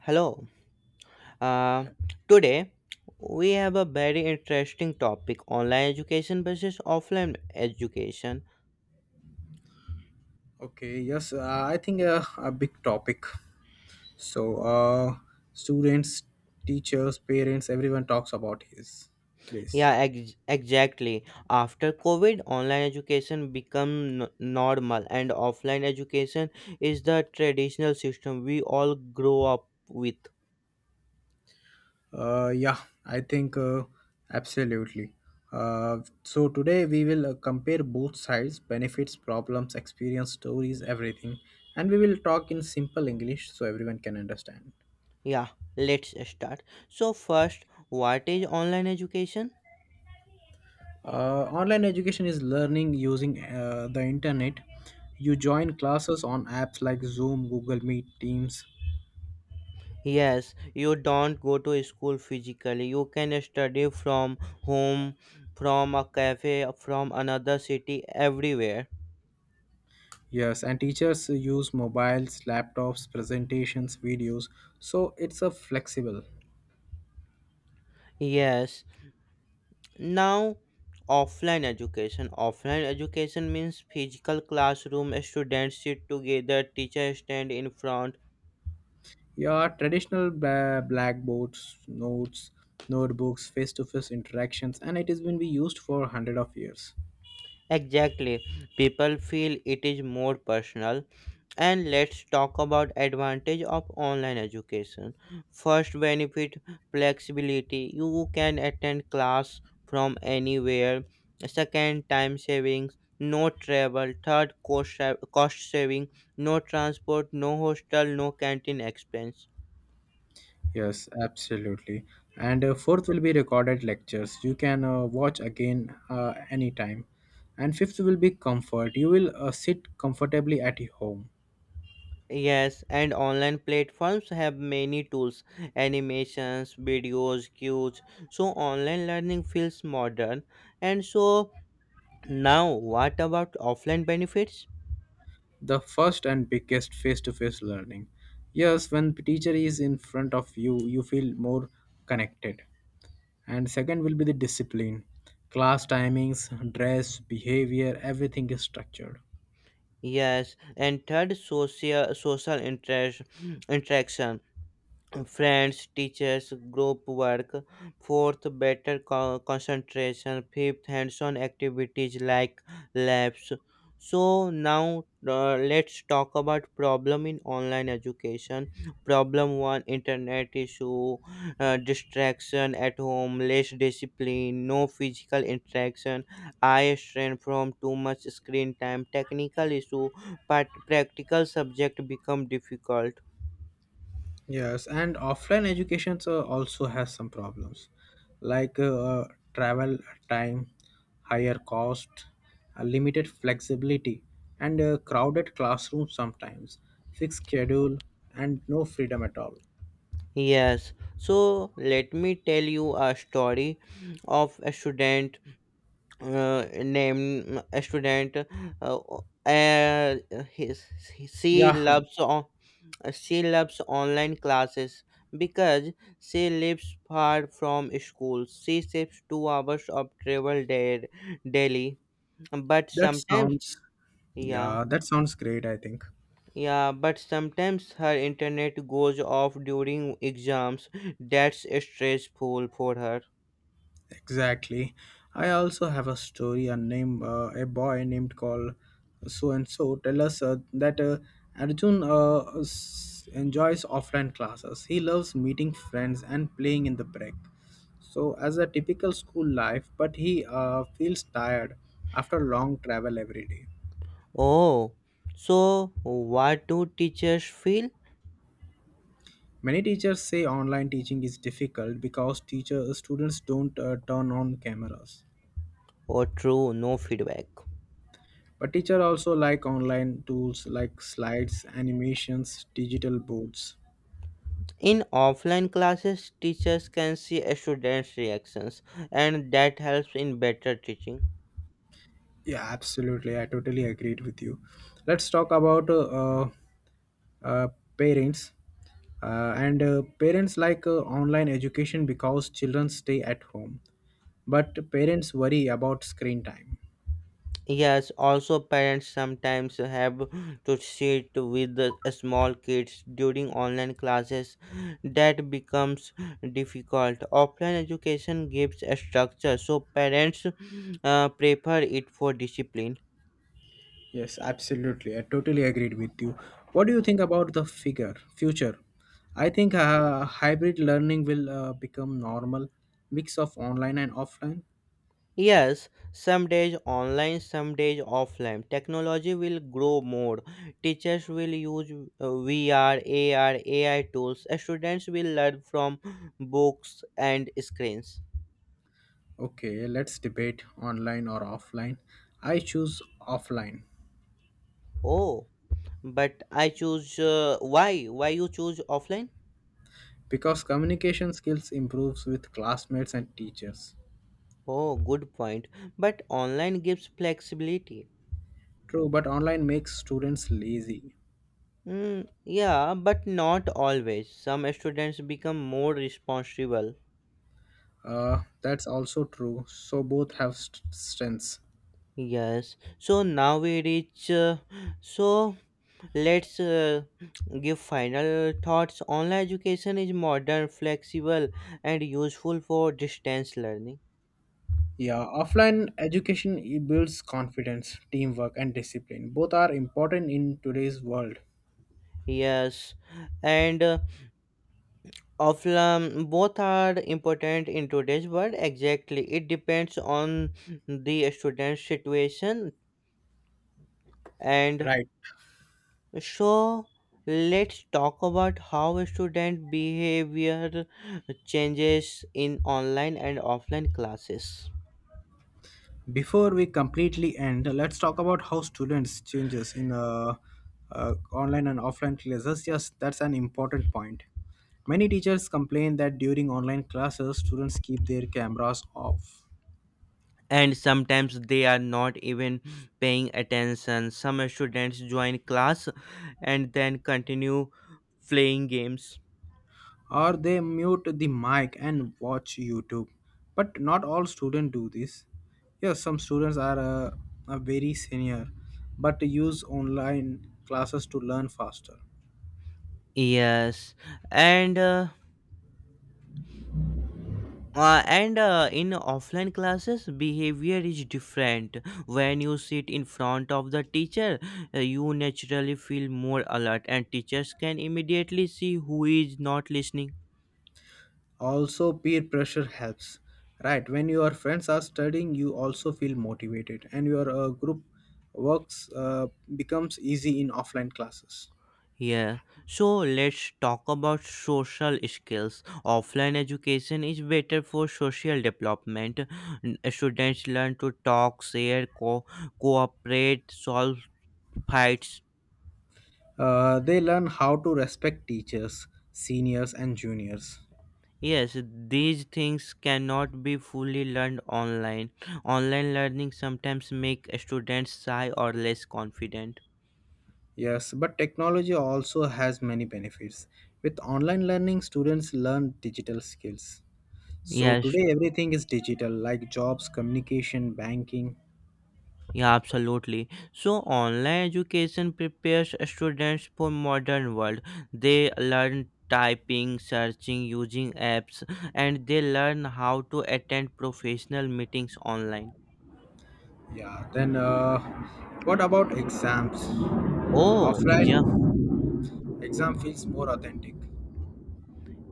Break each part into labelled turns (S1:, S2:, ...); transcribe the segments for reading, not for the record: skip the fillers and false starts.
S1: Hello. Uh, Today we have a very interesting topic: online education versus offline education.
S2: Okay, yes, I think a big topic. So, students, teachers, parents, everyone talks about his this.
S1: Yeah, exactly. After COVID, online education become normal, and offline education is the traditional system we all grow up with.
S2: Yeah, I think absolutely. So today we will compare both sides, benefits, problems, experience, stories, everything, and we will talk in simple English so everyone can understand.
S1: Yeah, let's start. So first, what is online education?
S2: Online education is learning using the internet. You join classes on apps like Zoom, Google Meet, Teams.
S1: Yes, you don't go to school physically. You can study from home, from a cafe, from another city, everywhere.
S2: Yes, and teachers use mobiles, laptops, presentations, videos, so it's a flexible.
S1: Yes. Now, offline education. Offline education means physical classroom, students sit together, teacher stand in front.
S2: Yeah, traditional blackboards, notes, notebooks, face-to-face interactions, and it has been be used for hundred of years.
S1: Exactly. People feel it is more personal. And let's talk about advantage of online education. First benefit, flexibility, you can attend class from anywhere. Second, time savings, no travel. Third, cost, cost saving, no transport, no hostel, no canteen expense.
S2: Yes, absolutely. And fourth will be recorded lectures. You can watch again anytime. And fifth will be comfort. You will sit comfortably at your home.
S1: Yes, and online platforms have many tools, animations, videos, cues, so online learning feels modern. And so Now, what about offline benefits?
S2: The first and biggest, face-to-face learning. Yes, when the teacher is in front of you, you feel more connected. And second will be the discipline: class timings, dress, behavior, everything is structured.
S1: Yes, and third, social interaction. Friends, teachers, group work. Fourth, better concentration. Fifth, hands-on activities like labs. So now, let's talk about problem in online education. Problem one: internet issue, distraction at home, less discipline, no physical interaction, eye strain from too much screen time, technical issue, but practical subject become difficult.
S2: Yes, and offline education also has some problems like travel time, higher cost, limited flexibility, and crowded classrooms sometimes, fixed schedule, and no freedom at all.
S1: Yes, so let me tell you a story of a student named a student. Uh, uh, his, she
S2: Yeah.
S1: loves on, She loves online classes because she lives far from school. She saves 2 hours of travel there daily, but
S2: That
S1: sometimes
S2: sounds,
S1: yeah.
S2: yeah, that sounds great, I think.
S1: Yeah, but sometimes her internet goes off during exams. That's stressful for her.
S2: Exactly. I also have a story, a name, a boy named called so and so. Tell us that Arjun enjoys offline classes. He loves meeting friends and playing in the break. So, as a typical school life, but he feels tired after long travel every day.
S1: Oh, so what do teachers feel?
S2: Many teachers say online teaching is difficult because teacher students don't turn on cameras.
S1: Or true, no feedback.
S2: But teacher also like online tools like slides, animations, digital boards.
S1: In offline classes, teachers can see a students' reactions, and that helps in better teaching.
S2: Yeah, absolutely. I totally agreed with you. Let's talk about uh, parents. And parents like online education because children stay at home. But parents worry about screen time.
S1: Yes, also parents sometimes have to sit with the small kids during online classes. That becomes difficult. Offline education gives a structure, so parents prefer it for discipline.
S2: Yes, absolutely. I totally agreed with you. What do you think about the figure future? I think hybrid learning will become normal, mix of online and offline.
S1: Yes, some days online, some days offline. Technology will grow more. Teachers will use VR, AR, AI tools. Students will learn from books and screens.
S2: Okay, let's debate online or offline. I choose offline
S1: Oh, but I choose why? Why you choose offline?
S2: because communication skills improves with classmates and teachers.
S1: Oh, good point. But online gives flexibility.
S2: True, but online makes students lazy.
S1: Mm, yeah, but not always. Some students become more responsible.
S2: That's also true. So both have strengths.
S1: Yes. So now we reach. So Let's give final thoughts. Online education is modern, flexible, and useful for distance learning.
S2: Yeah, offline education it builds confidence, teamwork, and discipline. Both are important in today's world.
S1: Yes, and offline both are important in today's world. Exactly, it depends on the student's situation. And
S2: Right.
S1: so, let's talk about how student behavior changes in online and offline classes.
S2: Before we completely end, let's talk about how students changes in online and offline classes. Yes, that's an important point. Many teachers complain that during online classes, students keep their cameras off,
S1: And sometimes they are not even paying attention. Some students join class and then continue playing games.
S2: or they mute the mic and watch youtube. But not all students do this. Yes, some students are very senior but use online classes to learn faster.
S1: Yes, and uh, and in offline classes behavior is different. When you sit in front of the teacher, you naturally feel more alert and teachers can immediately see who is not listening.
S2: Also peer pressure helps. Right, when your friends are studying, you also feel motivated, and your group works becomes easy in offline classes.
S1: Yeah, so let's talk about social skills. Offline education is better for social development. Students learn to talk, share, cooperate, solve fights.
S2: They learn how to respect teachers, seniors, and juniors.
S1: Yes, these things cannot be fully learned online. Online learning sometimes make students shy or less confident.
S2: Yes, but technology also has many benefits. With online learning, students learn digital skills. So
S1: Yes.
S2: today everything is digital, like jobs, communication, banking.
S1: Yeah, absolutely. So online education prepares students for modern world. They learn typing, searching, using apps, and they learn how to attend professional meetings online.
S2: Yeah, then what about exams?
S1: Oh,
S2: Offline
S1: exam?
S2: exam feels more authentic.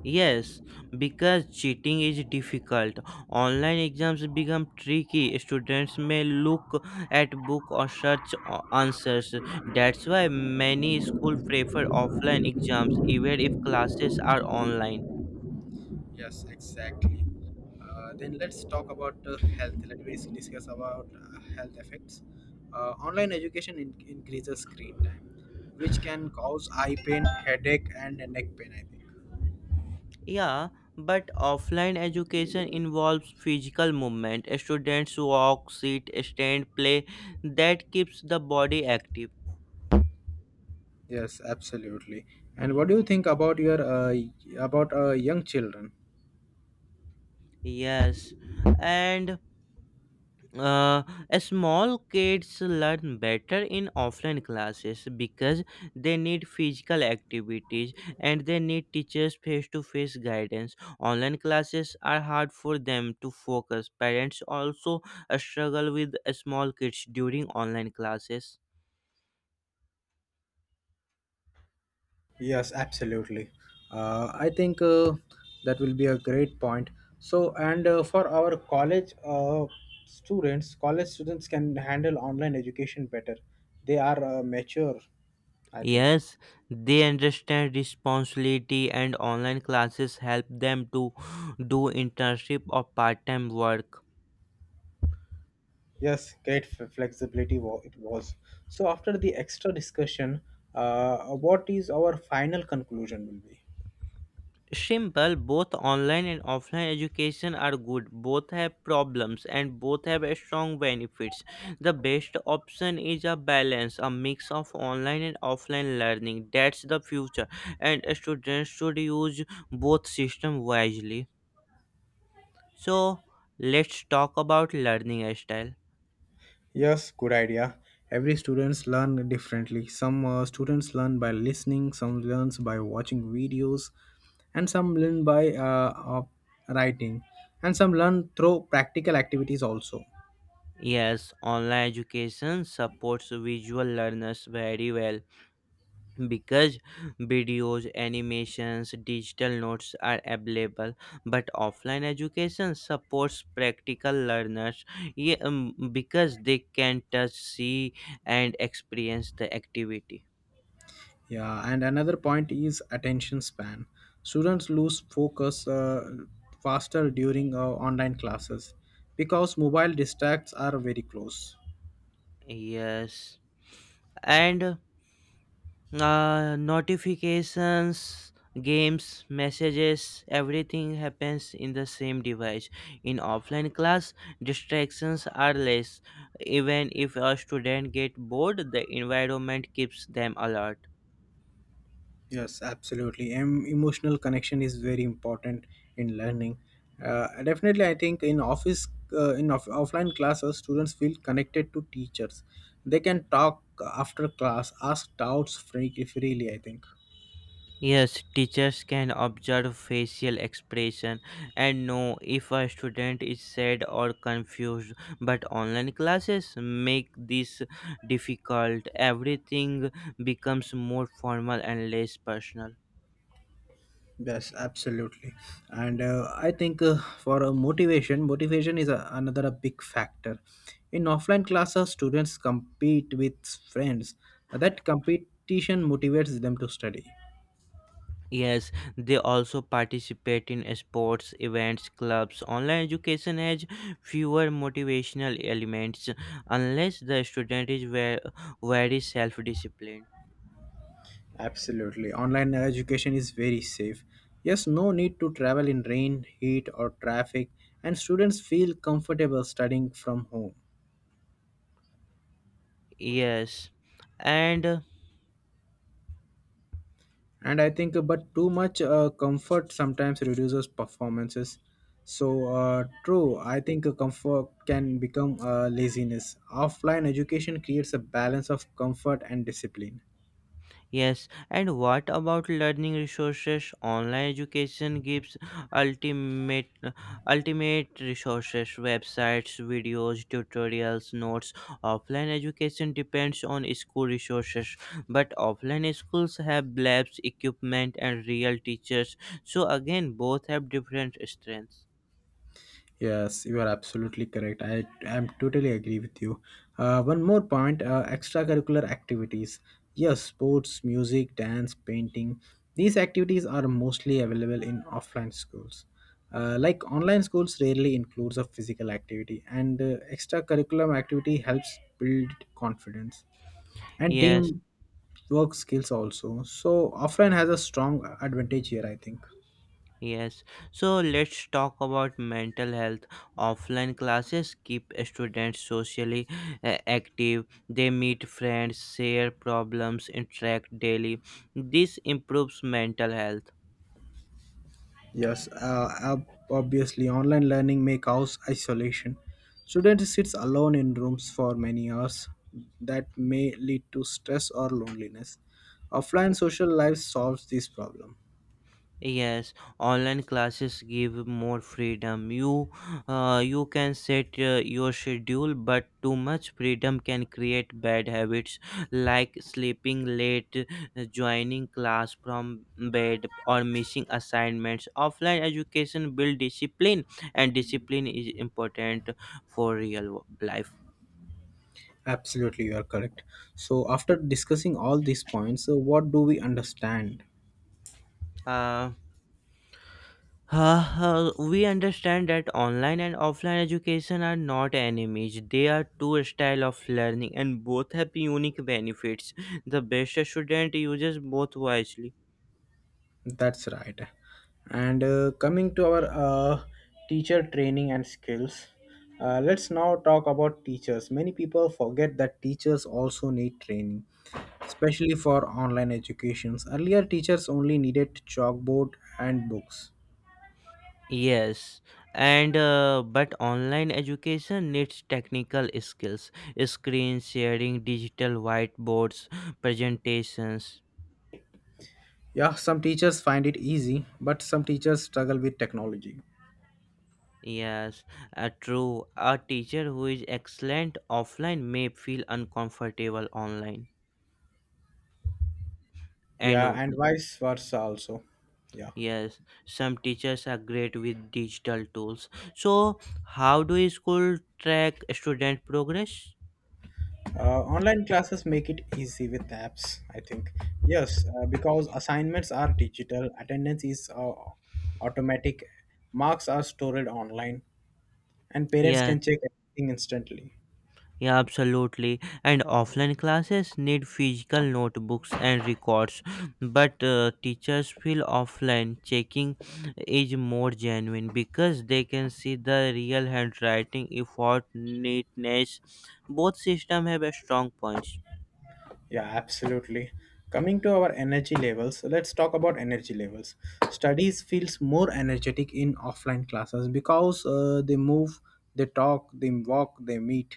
S1: Yes, because cheating is difficult. Online exams become tricky. Students may look at book or search answers. That's why many schools prefer offline exams even if classes are online.
S2: Yes, exactly. Then let's talk about health. Let me discuss about health effects. Online education increases screen time, which can cause eye pain, headache, and neck pain, I think.
S1: Yeah, but offline education involves physical movement. Students walk, sit, stand, play. That keeps the body active.
S2: Yes, absolutely. And what do you think about your about young children?
S1: Yes, and uh, small kids learn better in offline classes because they need physical activities and they need teachers face to face guidance. Online classes are hard for them to focus. Parents also struggle with small kids during online classes.
S2: Yes, absolutely. I think that will be a great point. So, and for our college students, college students can handle online education better. They are mature, I think.
S1: Yes, they understand responsibility and online classes help them to do internship or part-time work.
S2: Yes, great flexibility it was. So, after the extra discussion, what is our final conclusion will be?
S1: Simple, both online and offline education are good. Both have problems and both have a strong benefits. The best option is a balance, a mix of online and offline learning. That's the future and students should use both system wisely. So, let's talk about learning style.
S2: Yes, good idea. Every students learn differently. Some students learn by listening, some learns by watching videos, and some learn by writing, and some learn through practical activities also.
S1: Yes, online education supports visual learners very well because videos, animations, digital notes are available. But offline education supports practical learners, yeah, because they can touch, see, and experience the activity.
S2: Yeah, and another point is attention span. Students lose focus faster during online classes because mobile distracts are very close.
S1: Yes, and notifications, games, messages, everything happens in the same device. In offline class, distractions are less. Even if a student get bored, the environment keeps them alert.
S2: Yes, absolutely. Emotional connection is very important in learning. Definitely, I think in office, offline classes, students feel connected to teachers. They can talk after class, ask doubts freely, I think.
S1: Yes, teachers can observe facial expression and know if a student is sad or confused, but online classes make this difficult. Everything becomes more formal and less personal.
S2: Yes, absolutely. And I think for a motivation, motivation is a, another a big factor. In offline classes, students compete with friends. That competition motivates them to study.
S1: Yes, they also participate in sports, events, clubs. Online education has fewer motivational elements unless the student is very self disciplined.
S2: Absolutely. Online education is very safe. Yes, no need to travel in rain, heat, or traffic, and students feel comfortable studying from home.
S1: Yes, and
S2: And I think, but too much comfort sometimes reduces performances. So, true, I think comfort can become laziness. Offline education creates a balance of comfort and discipline.
S1: yes, and what about learning resources? Online education gives ultimate ultimate resources, websites, videos, tutorials, notes. Offline education depends on school resources, but offline schools have labs, equipment and real teachers. So again, both have different strengths.
S2: Yes, you are absolutely correct. I am totally agree with you. One more point, extracurricular activities. Yes, sports, music, dance, painting. These activities are mostly available in offline schools. Like online schools rarely includes a physical activity, and extracurricular activity helps build confidence and
S1: Yes.
S2: team work skills also. So offline has a strong advantage here, I think.
S1: Yes, so let's talk about mental health. Offline classes keep students socially active, they meet friends, share problems, interact daily. This improves mental health.
S2: Yes, obviously, online learning may cause isolation. Students sits alone in rooms for many hours. That may lead to stress or loneliness. Offline social life solves this problem.
S1: Yes, online classes give more freedom. You can set your schedule, but too much freedom can create bad habits like sleeping late, joining class from bed, or missing assignments. Offline education build discipline, and discipline is important for real life.
S2: Absolutely, you are correct. So, after discussing all these points, what do we understand?
S1: Uh, we understand that online and offline education are not enemies. They are two style of learning and both have unique benefits. The best student uses both wisely.
S2: That's right. And coming to our teacher training and skills, let's now talk about teachers. Many people forget that teachers also need training, especially for online educations. Earlier, teachers only needed chalkboard and books.
S1: Yes, and but online education needs technical skills, screen sharing, digital whiteboards, presentations.
S2: Yeah, some teachers find it easy, but some teachers struggle with technology.
S1: Yes, true. A teacher who is excellent offline may feel uncomfortable online.
S2: Yeah,
S1: And
S2: and vice versa also. Yeah.
S1: yes, some teachers are great with digital tools. So, how do school track student progress?
S2: Online classes make it easy with apps, I think. Yes, because assignments are digital, attendance is automatic, marks are stored online, and parents
S1: Yeah,
S2: can check everything instantly.
S1: yeah, absolutely. And offline classes need physical notebooks and records, but teachers feel offline checking is more genuine because they can see the real handwriting, effort, neatness. Both systems have a strong points.
S2: Yeah, absolutely. Coming to our energy levels, let's talk about energy levels. Studies feels more energetic in offline classes because they move, they talk, they walk, they meet.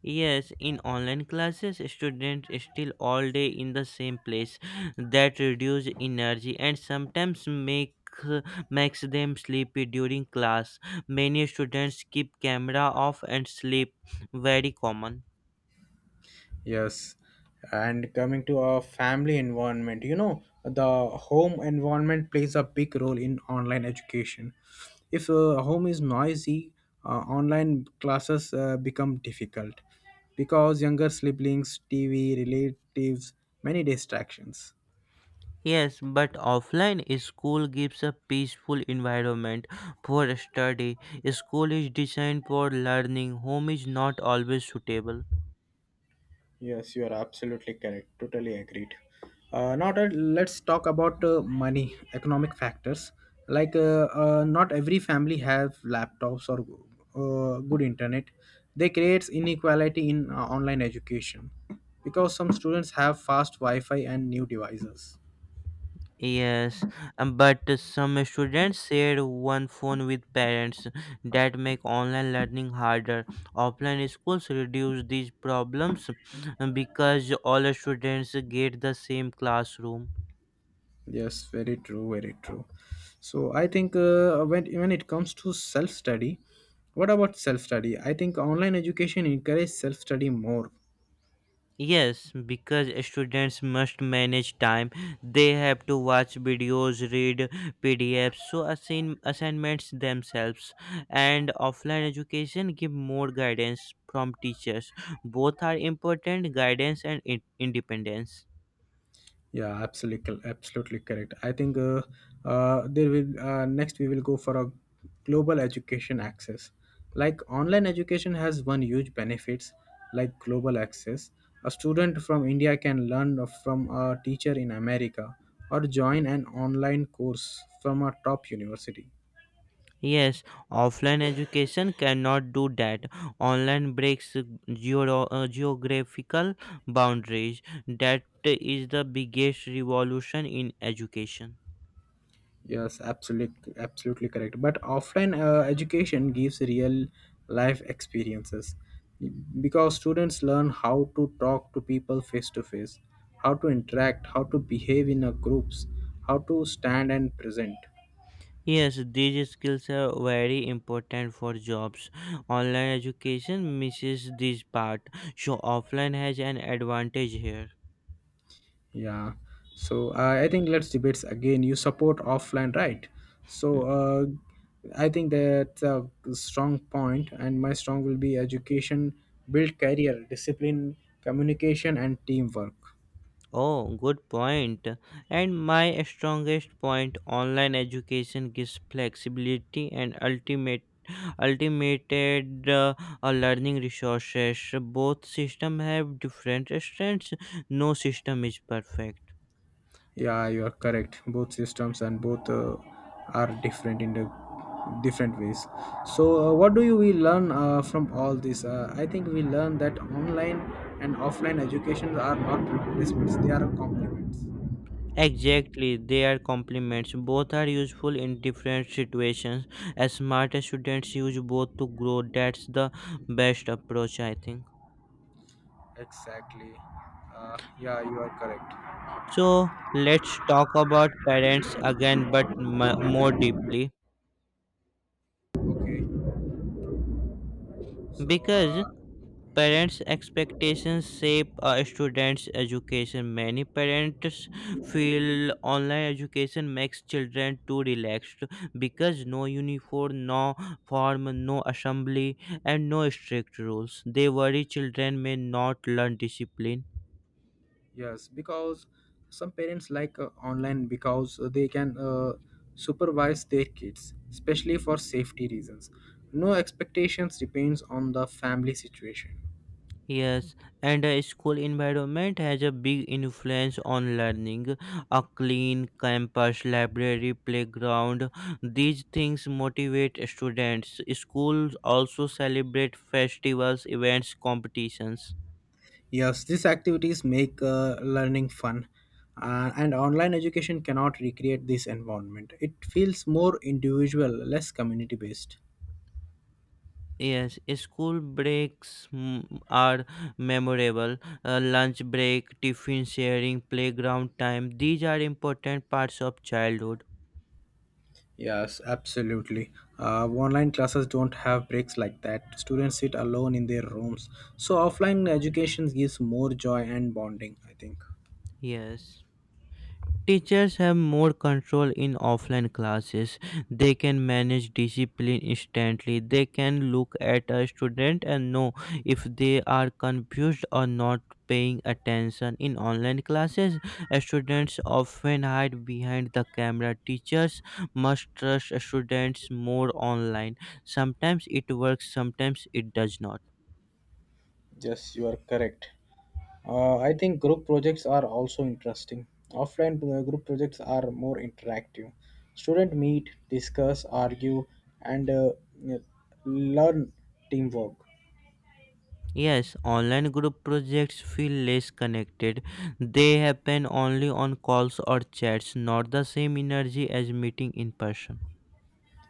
S1: Yes, in online classes, students still all day in the same place. That reduce energy and sometimes makes them sleepy during class. Many students keep camera off and sleep, very common.
S2: Yes, and coming to our family environment, you know, the home environment plays a big role in online education. If a home is noisy, online classes become difficult because younger siblings, TV, relatives, many distractions.
S1: Yes, but offline school gives a peaceful environment for study. School is designed for learning. Home is not always suitable.
S2: Yes, you are absolutely correct. Totally agreed. Now that let's talk about money, economic factors. Like not every family have laptops or good internet. They creates inequality in online education because some students have fast Wi-Fi and new devices.
S1: Yes, but some students share one phone with parents that make online learning harder. Offline schools reduce these problems, because all students get the same classroom.
S2: Yes, very true, very true. So I think when it comes to self study, what about self study? I think online education encourages self study more.
S1: Yes, because students must manage time. They have to watch videos, read PDFs, so assignments themselves. And offline education give more guidance from teachers. Both are important, guidance and independence.
S2: Yeah, absolutely, absolutely correct. I think there will next we will go for a global education access. Like online education has one huge benefits, like global access. A student from India can learn from a teacher in America or join an online course from a top university.
S1: Yes, offline education cannot do that. Online breaks geographical boundaries. That is the biggest revolution in education.
S2: Yes, absolutely, absolutely correct. But offline education gives real life experiences because students learn how to talk to people face to face, how to interact, how to behave in a groups, how to stand and present.
S1: Yes, these skills are very important for jobs. Online education misses this part, so offline has an advantage here.
S2: Yeah. So I think let's debate again. You support offline, right? So
S1: Mm.
S2: I think that's a strong point, and my strong will be education, build career, discipline, communication, and teamwork.
S1: Oh, good point. And my strongest point, online education gives flexibility and ultimate ultimated learning resources. Both system have different strengths, no system is perfect.
S2: Yeah, you are correct. Both systems and both are different in the different ways. So, what do you we learn from all this? I think we learn that online and offline educations are not replacements; they are complements.
S1: Exactly, they are complements. Both are useful in different situations. As smart students use both to grow. That's the best approach, I think.
S2: Exactly. Yeah, you are correct.
S1: So let's talk about parents again, but more deeply
S2: Okay. So,
S1: because parents' expectations shape a student's education. Many parents feel online education makes children too relaxed because no uniform, no form, no assembly, and no strict rules. They worry children may not learn discipline.
S2: yes, because some parents like online because they can supervise their kids, especially for safety reasons. No expectations depends on the family situation.
S1: Yes, and a school environment has a big influence on learning. A clean campus, library, playground, these things motivate students. Schools also celebrate festivals, events, competitions.
S2: Yes, these activities make learning fun, and online education cannot recreate this environment. It feels more individual, less community based.
S1: Yes, school breaks, are memorable. Lunch break, tiffin sharing, playground time, these are important parts of childhood.
S2: Yes, absolutely. Online classes don't have breaks like that. Students sit alone in their rooms. So, offline education gives more joy and bonding, I think.
S1: Yes. Teachers have more control in offline classes. They can manage discipline instantly. They can look at a student and know if they are confused or not paying attention. In online classes, students often hide behind the camera. Teachers must trust students more online. Sometimes it works, sometimes it does not.
S2: Yes, you are correct. I think group projects are also interesting. Offline group projects are more interactive. Students meet, discuss, argue, and learn teamwork.
S1: Yes, online group projects feel less connected. They happen only on calls or chats, not the same energy as meeting in person.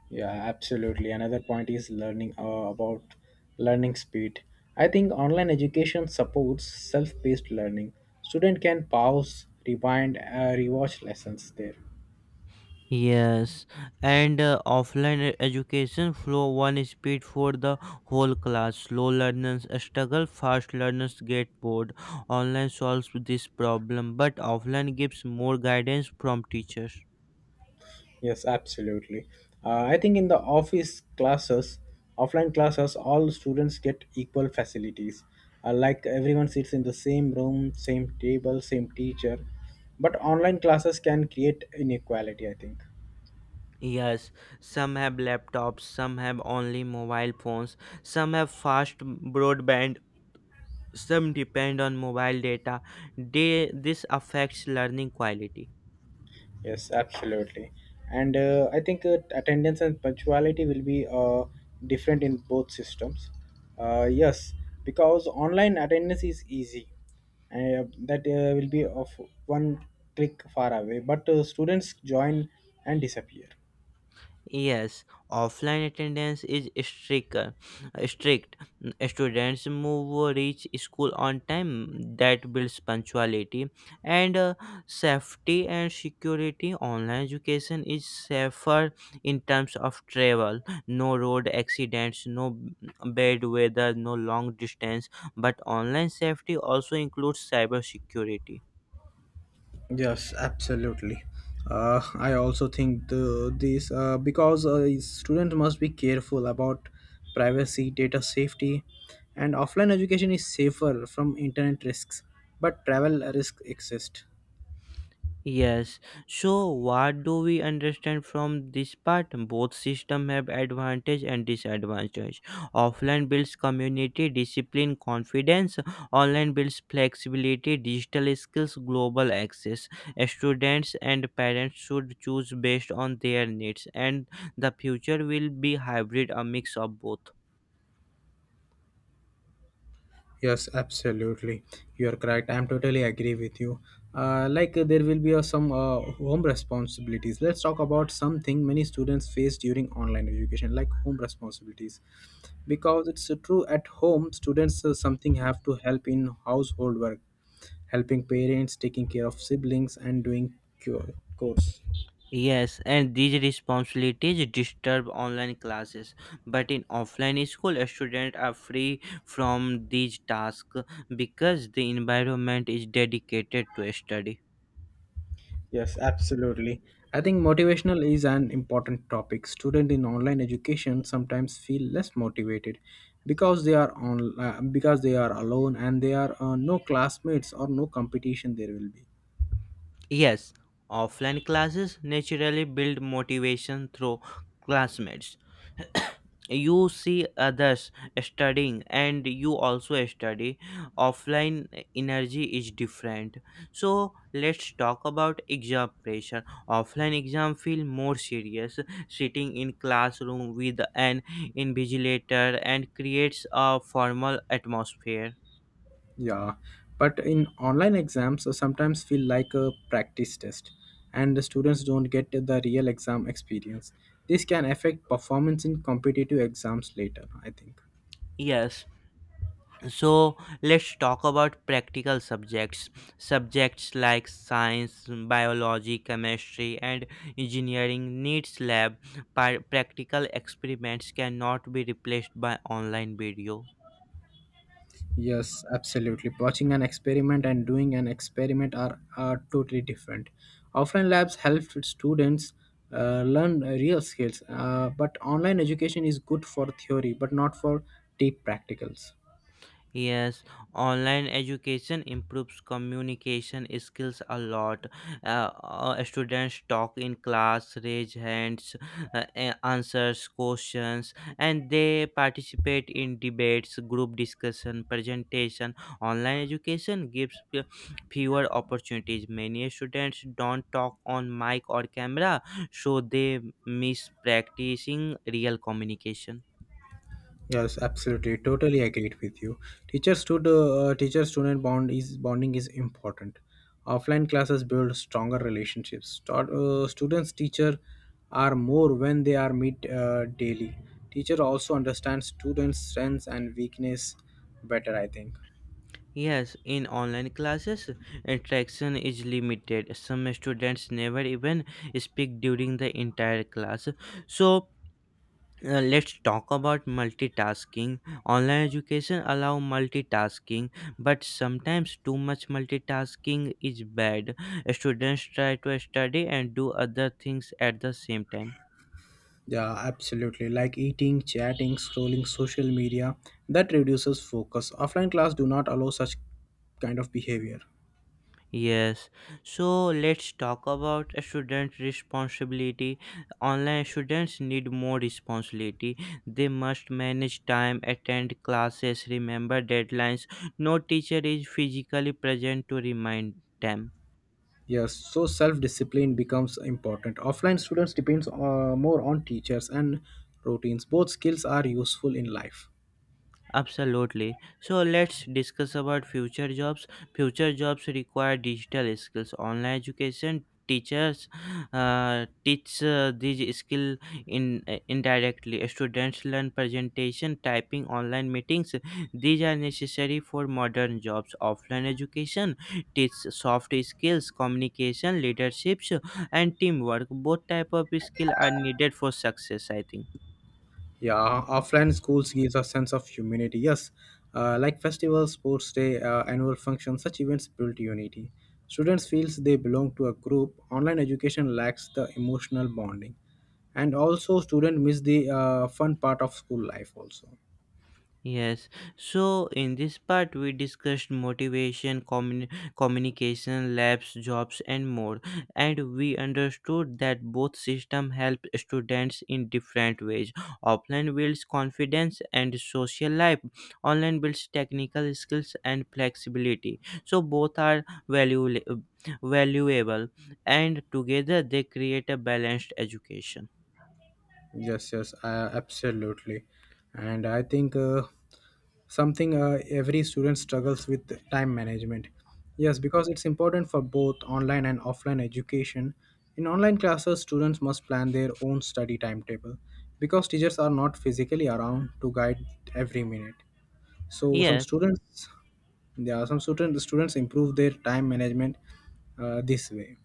S2: Yeah, absolutely. Another point is learning about learning speed. I think online education supports self-paced learning. Student can pause, rewind, rewatch lessons there.
S1: Yes, and offline education flow one speed for the whole class. Slow learners struggle, fast learners get bored. Online solves this problem, but offline gives more guidance from teachers.
S2: Yes, absolutely. I think in the office classes, offline classes, all students get equal facilities. Like everyone sits in the same room, same table, same teacher. But online classes can create inequality, I think.
S1: Yes, some have laptops, some have only mobile phones, some have fast broadband, some depend on mobile data. This affects learning quality.
S2: Yes, absolutely. And I think attendance and punctuality will be different in both systems. Yes, because online attendance is easy. That will be of one click far away, but students join and disappear.
S1: Yes, offline attendance is stricter. Strict Students move reach school on time. That builds punctuality and, safety and security. Online education is safer in terms of travel. No road accidents, no bad weather, no long distance. But online safety also includes cyber security.
S2: Yes, absolutely. I also think the, this because students must be careful about privacy, data safety, and offline education is safer from internet risks, but travel risks exist.
S1: Yes. So what do we understand from this part? Both system have advantage and disadvantage. Offline builds community, discipline, confidence. Online builds flexibility, digital skills, global access. Students and parents should choose based on their needs and the future will be hybrid, a mix of both.
S2: Yes, absolutely. You are correct. I'm totally agree with you. Like there will be some home responsibilities. Let's talk about something many students face during online education, like home responsibilities. Because it's true at home students something have to help in household work, helping parents, taking care of siblings, and doing cure course.
S1: Yes, and these responsibilities disturb online classes. But in offline school, students are free from these tasks because the environment is dedicated to study.
S2: Yes, absolutely. I think motivational is an important topic. Student in online education sometimes feel less motivated because they are on because they are alone and they are no classmates or no competition there will be.
S1: Yes, offline classes naturally build motivation through classmates. You see others studying and you also study. Offline energy is different. So let's talk about exam pressure. Offline exam feel more serious, sitting in classroom with an invigilator and creates a formal atmosphere.
S2: Yeah, but in online exams, sometimes feel like a practice test, and the students don't get the real exam experience. This can affect performance in competitive exams later, I think.
S1: Yes, so let's talk about practical subjects. Subjects like science, biology, chemistry and engineering needs lab. Practical experiments cannot be replaced by online video.
S2: Yes, absolutely. Watching an experiment and doing an experiment are totally different. Offline labs help students learn real skills, but online education is good for theory, but not for deep practicals.
S1: Yes, online education improves communication skills a lot. Students talk in class, raise hands, answers questions, and they participate in debates, group discussion, presentation. Online education gives fewer opportunities. Many students don't talk on mic or camera, so they miss practicing real communication.
S2: Yes, absolutely. Totally agreed with you. Teacher student bond is bonding is important. Offline classes build stronger relationships. Start, students teacher are more when they are meet daily. Teacher also understands students' strengths and weakness better, I think.
S1: Yes, in online classes, interaction is limited. Some students never even speak during the entire class. So, let's talk about multitasking. Online education allow multitasking, but sometimes too much multitasking is bad. Students try to study and do other things at the same time.
S2: Yeah, absolutely. Like eating, chatting, scrolling social media, that reduces focus. Offline class do not allow such kind of behavior.
S1: Yes, so let's talk about student responsibility. Online students need more responsibility. They must manage time, attend classes, remember deadlines. No teacher is physically present to remind them.
S2: Yes, so self-discipline becomes important. Offline students depends more on teachers and routines. Both skills are useful in life.
S1: Absolutely. So let's discuss about future jobs. Future jobs require digital skills. Online education teachers teach these skill in indirectly. Students learn presentation, typing, online meetings. These are necessary for modern jobs. Offline education teach soft skills, communication, leaderships, and teamwork. Both type of skill are needed for success. I think.
S2: Yeah, offline schools gives a sense of humanity. Yes, like festivals, sports day, annual functions, such events build unity. Students feels they belong to a group. Online education lacks the emotional bonding, and also students miss the fun part of school life also.
S1: Yes, so in this part, we discussed motivation, communication, labs, jobs, and more. And we understood that both systems help students in different ways. Offline builds confidence and social life, online builds technical skills and flexibility. So, both are valuable, and together they create a balanced education.
S2: Yes, yes, absolutely. And I think something every student struggles with time management. Yes, because it's important for both online and offline education. In online classes, students must plan their own study timetable because teachers are not physically around to guide every minute. So some
S1: Yes.
S2: students, yeah, students improve their time management this way.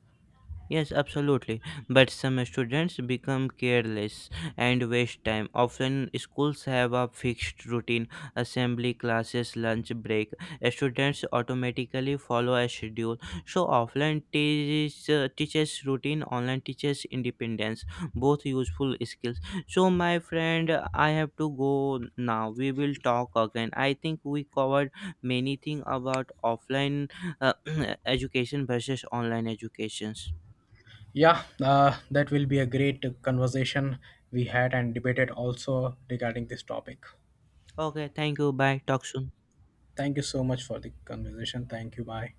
S1: Yes, absolutely. But some students become careless and waste time. Often, schools have a fixed routine, assembly, classes, lunch break. Students automatically follow a schedule. So, teaches routine, online teaches independence. Both useful skills. So, my friend, I have to go now. We will talk again. I think we covered many things about offline uh, education versus online educations.
S2: Yeah, that will be a great conversation we had and debated also regarding this topic.
S1: Okay, thank you. Bye. Talk soon.
S2: Thank you so much for the conversation. Thank you. Bye.